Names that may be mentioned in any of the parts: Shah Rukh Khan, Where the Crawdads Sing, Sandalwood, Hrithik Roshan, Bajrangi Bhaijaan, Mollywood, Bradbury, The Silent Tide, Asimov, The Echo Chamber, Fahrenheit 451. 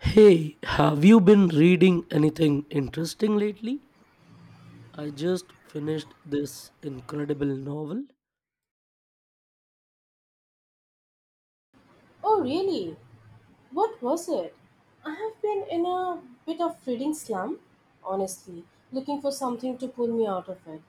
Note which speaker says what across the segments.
Speaker 1: Hey, have you been reading anything interesting lately? I just finished this incredible novel.
Speaker 2: Oh, really? What was it? I have been in a bit of reading slump, honestly, looking for something to pull me out of it.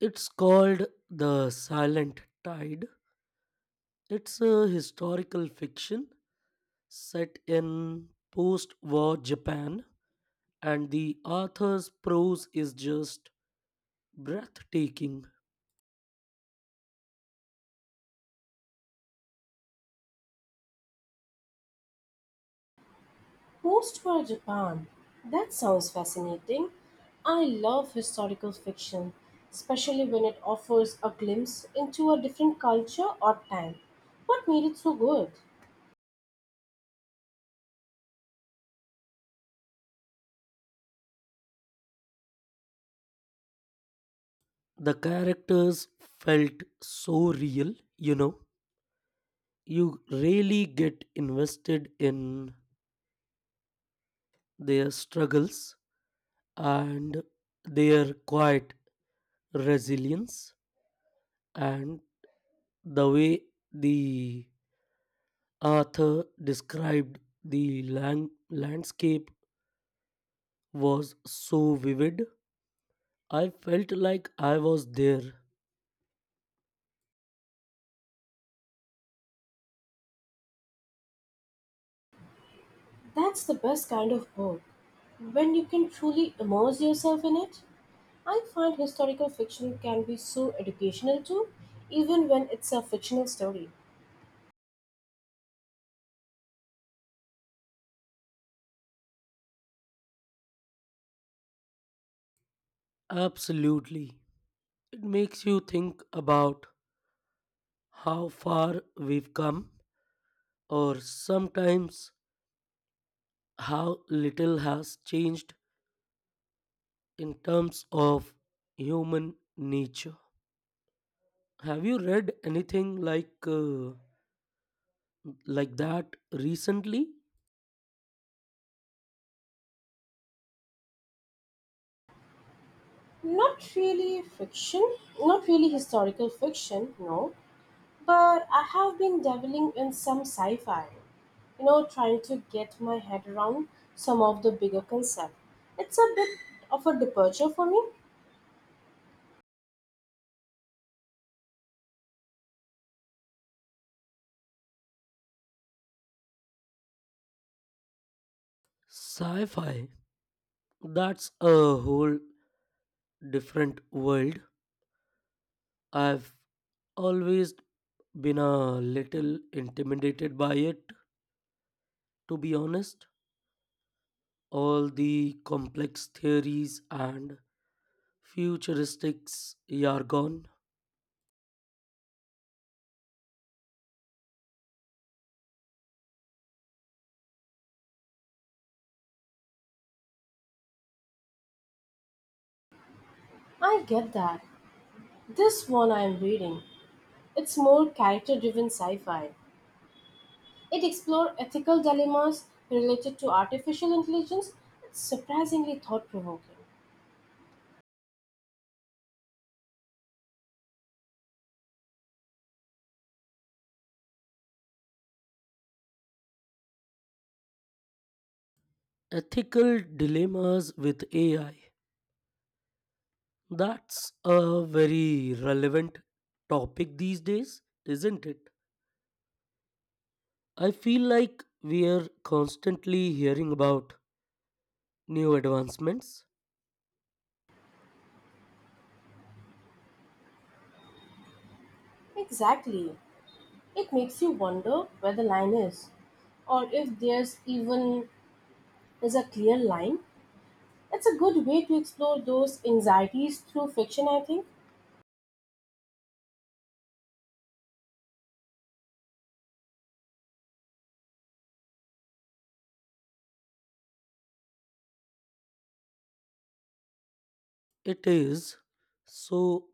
Speaker 1: It's called The Silent Tide. It's a historical fiction set in post war Japan, and the author's prose is just breathtaking.
Speaker 2: Post for Japan. That sounds fascinating. I love historical fiction, especially when it offers a glimpse into a different culture or time. What made it so good?
Speaker 1: The characters felt so real, you know. You really get invested in their struggles and their quiet resilience, and the way the author described the landscape was so vivid. I felt like I was there.
Speaker 2: That's the best kind of book, when you can truly immerse yourself in it. I find historical fiction can be so educational too, even when it's a fictional story.
Speaker 1: Absolutely. It makes you think about how far we've come, or sometimes how little has changed in terms of human nature. Have you read anything like that recently?
Speaker 2: Not really fiction, not really historical fiction, no, but I have been dabbling in some sci fi, trying to get my head around some of the bigger concepts. It's a bit of a departure for me.
Speaker 1: Sci-fi. That's a whole different world. I've always been a little intimidated by it, to be honest. All the complex theories and futuristics jargon,
Speaker 2: I get that. This one I am reading, it's more character driven sci fi. It explores ethical dilemmas related to artificial intelligence. It's surprisingly thought provoking.
Speaker 1: ethical dilemmas with AI. That's a very relevant topic these days, isn't it? I feel like we are constantly hearing about new advancements.
Speaker 2: Exactly. It makes you wonder where the line is, or if there's a clear line. It's a good way to explore those anxieties through fiction, I think.
Speaker 1: It is. So,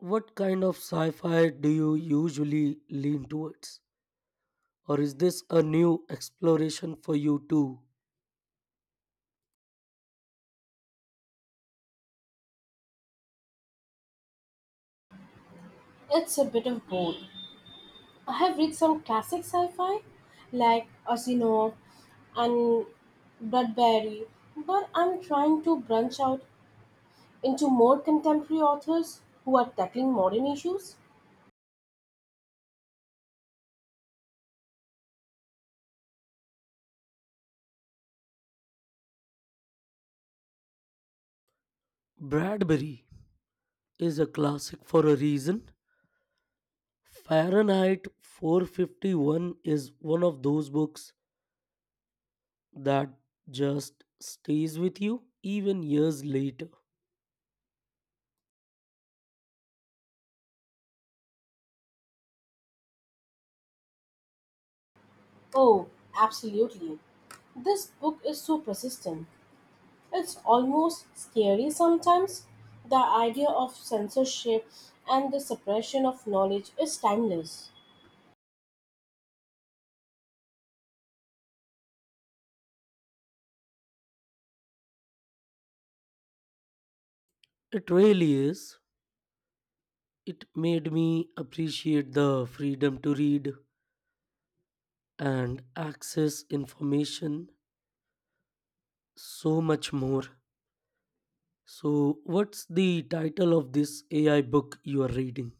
Speaker 1: what kind of sci fi do you usually lean towards? Or is this a new exploration for you too?
Speaker 2: It's a bit of both. I have read some classic sci-fi like Asimov and Bradbury, but I'm trying to branch out into more contemporary authors who are tackling modern issues?
Speaker 1: Bradbury is a classic for a reason. Fahrenheit 451 is one of those books that just stays with you even years later.
Speaker 2: Oh, absolutely. This book is so persistent. It's almost scary sometimes. The idea of censorship and the suppression of knowledge is timeless.
Speaker 1: It really is. It made me appreciate the freedom to read and access information so much more. So, what's the title of this AI book you are reading?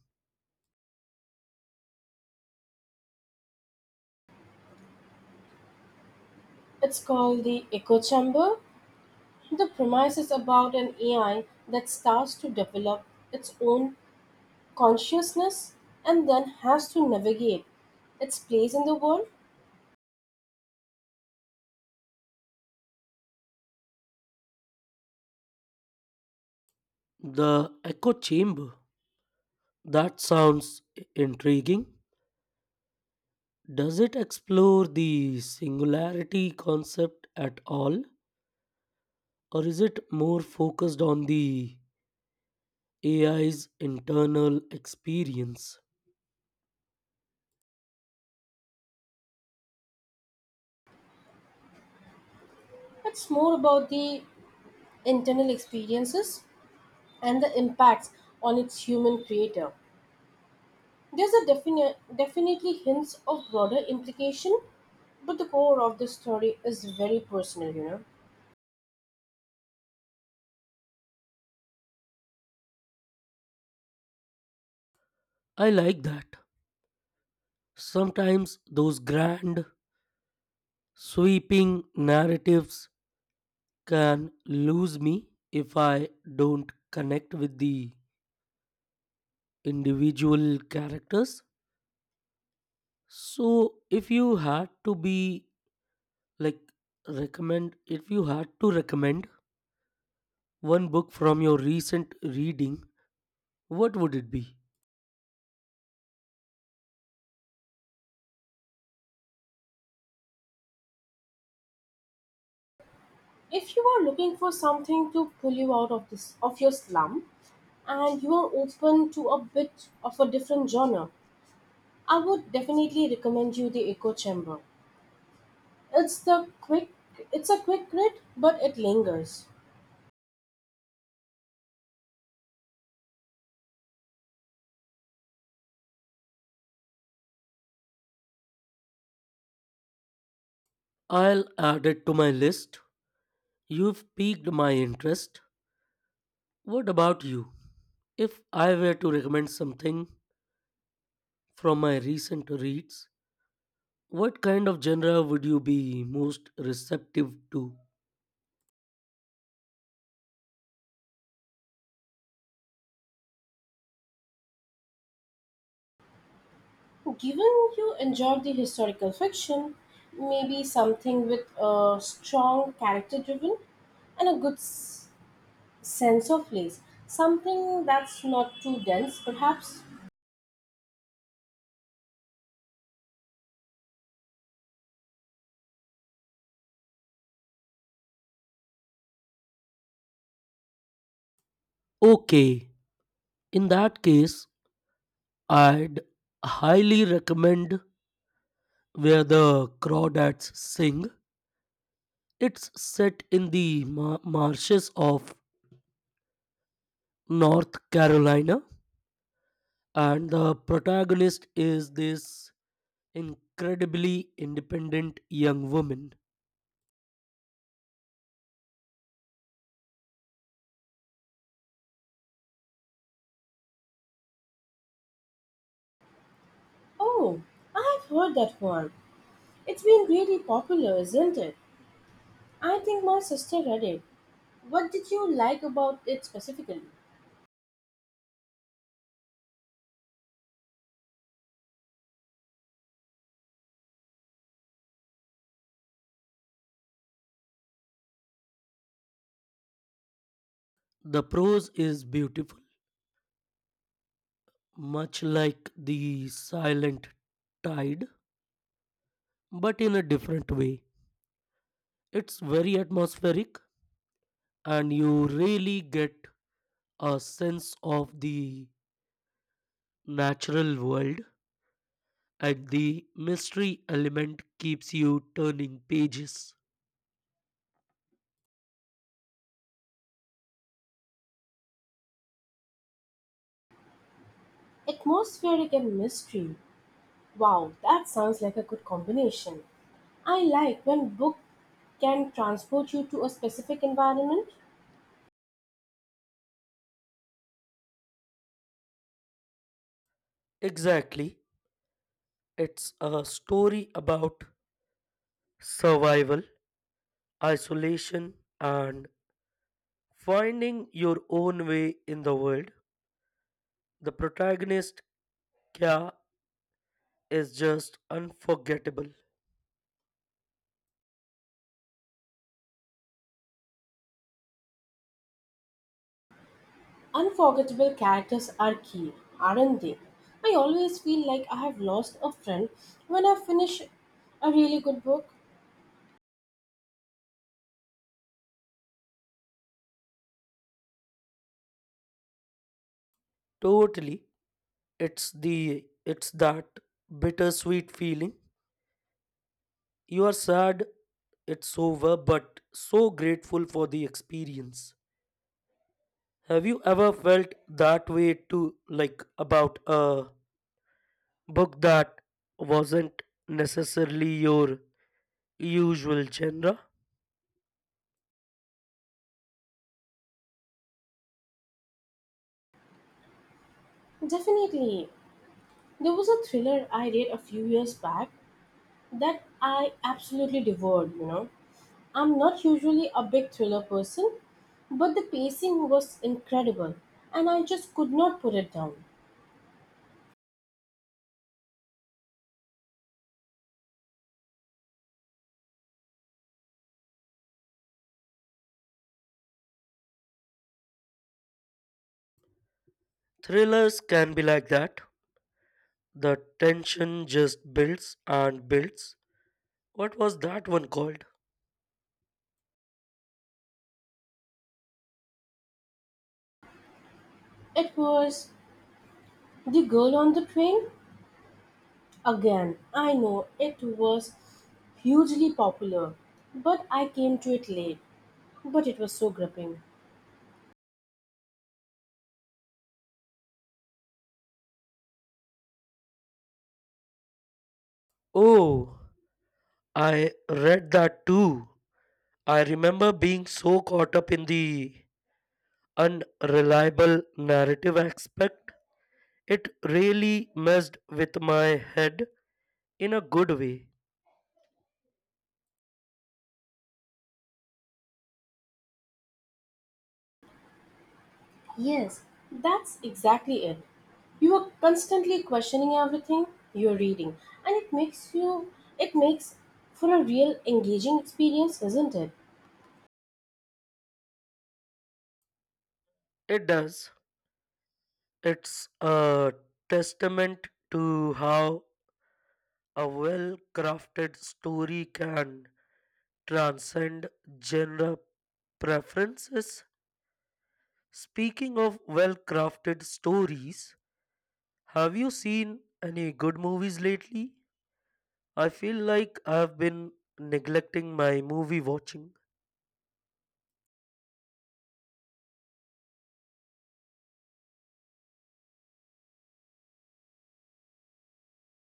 Speaker 2: It's called The Echo Chamber. The premise is about an AI that starts to develop its own consciousness and then has to navigate its place in the world.
Speaker 1: The Echo Chamber. That sounds intriguing. Does it explore the singularity concept at all, or is it more focused on the AI's internal experience?
Speaker 2: It's more about the internal experiences and the impacts on its human creator. There's a definitely hints of broader implication, but the core of the story is very personal,
Speaker 1: I like that. Sometimes those grand sweeping narratives can lose me if I don't connect with the individual characters. So, if you had to be like recommend, if you had to recommend one book from your recent reading, what would it be?
Speaker 2: If you are looking for something to pull you out of this of your slum and you are open to a bit of a different genre, I would definitely recommend you the Echo Chamber. It's the quick it's a quick read, but it lingers.
Speaker 1: I'll add it to my list. You've piqued my interest. What about you? If I were to recommend something from my recent reads, what kind of genre would you be most receptive to?
Speaker 2: So, given you enjoy the historical fiction, maybe something with a strong character driven and a good sense of place. Something that's not too dense, perhaps.
Speaker 1: Okay, in that case, I'd highly recommend Where the Crawdads Sing. It's set in the marshes of North Carolina, and the protagonist is this incredibly independent young woman.
Speaker 2: Oh, I've heard that one. It's been really popular, isn't it? I think my sister read it. What did you like about it specifically?
Speaker 1: The prose is beautiful, much like The Silent Tide, but in a different way. It's very atmospheric, and you really get a sense of the natural world, and the mystery element keeps you turning pages.
Speaker 2: Atmospheric and mystery. Wow, that sounds like a good combination. I like when book can transport you to a specific environment.
Speaker 1: Exactly. It's a story about survival, isolation, and finding your own way in the world. The protagonist, Kya, is just unforgettable.
Speaker 2: Unforgettable characters are key, aren't they? I always feel like I have lost a friend when I finish a really good book.
Speaker 1: Totally. It's that bittersweet feeling. You are sad it's over, but so grateful for the experience. Have you ever felt that way too, like about a book that wasn't necessarily your usual genre?
Speaker 2: Definitely. There was a thriller I read a few years back that I absolutely devoured, I'm not usually a big thriller person, but the pacing was incredible and I just could not put it down.
Speaker 1: Thrillers can be like that. The tension just builds and builds. What was that one called?
Speaker 2: It was The Girl on the Train. Again, I know it was hugely popular, but I came to it late. But it was so gripping.
Speaker 1: Oh, I read that too. I remember being so caught up in the unreliable narrative aspect. It really messed with my head in a good way.
Speaker 2: Yes, that's exactly it. You are constantly questioning everything you're reading, and it makes for a real engaging experience, isn't it?
Speaker 1: It does. It's a testament to how a well crafted story can transcend genre preferences. Speaking of well crafted stories, have you seen any good movies lately? I feel like I've been neglecting my movie watching.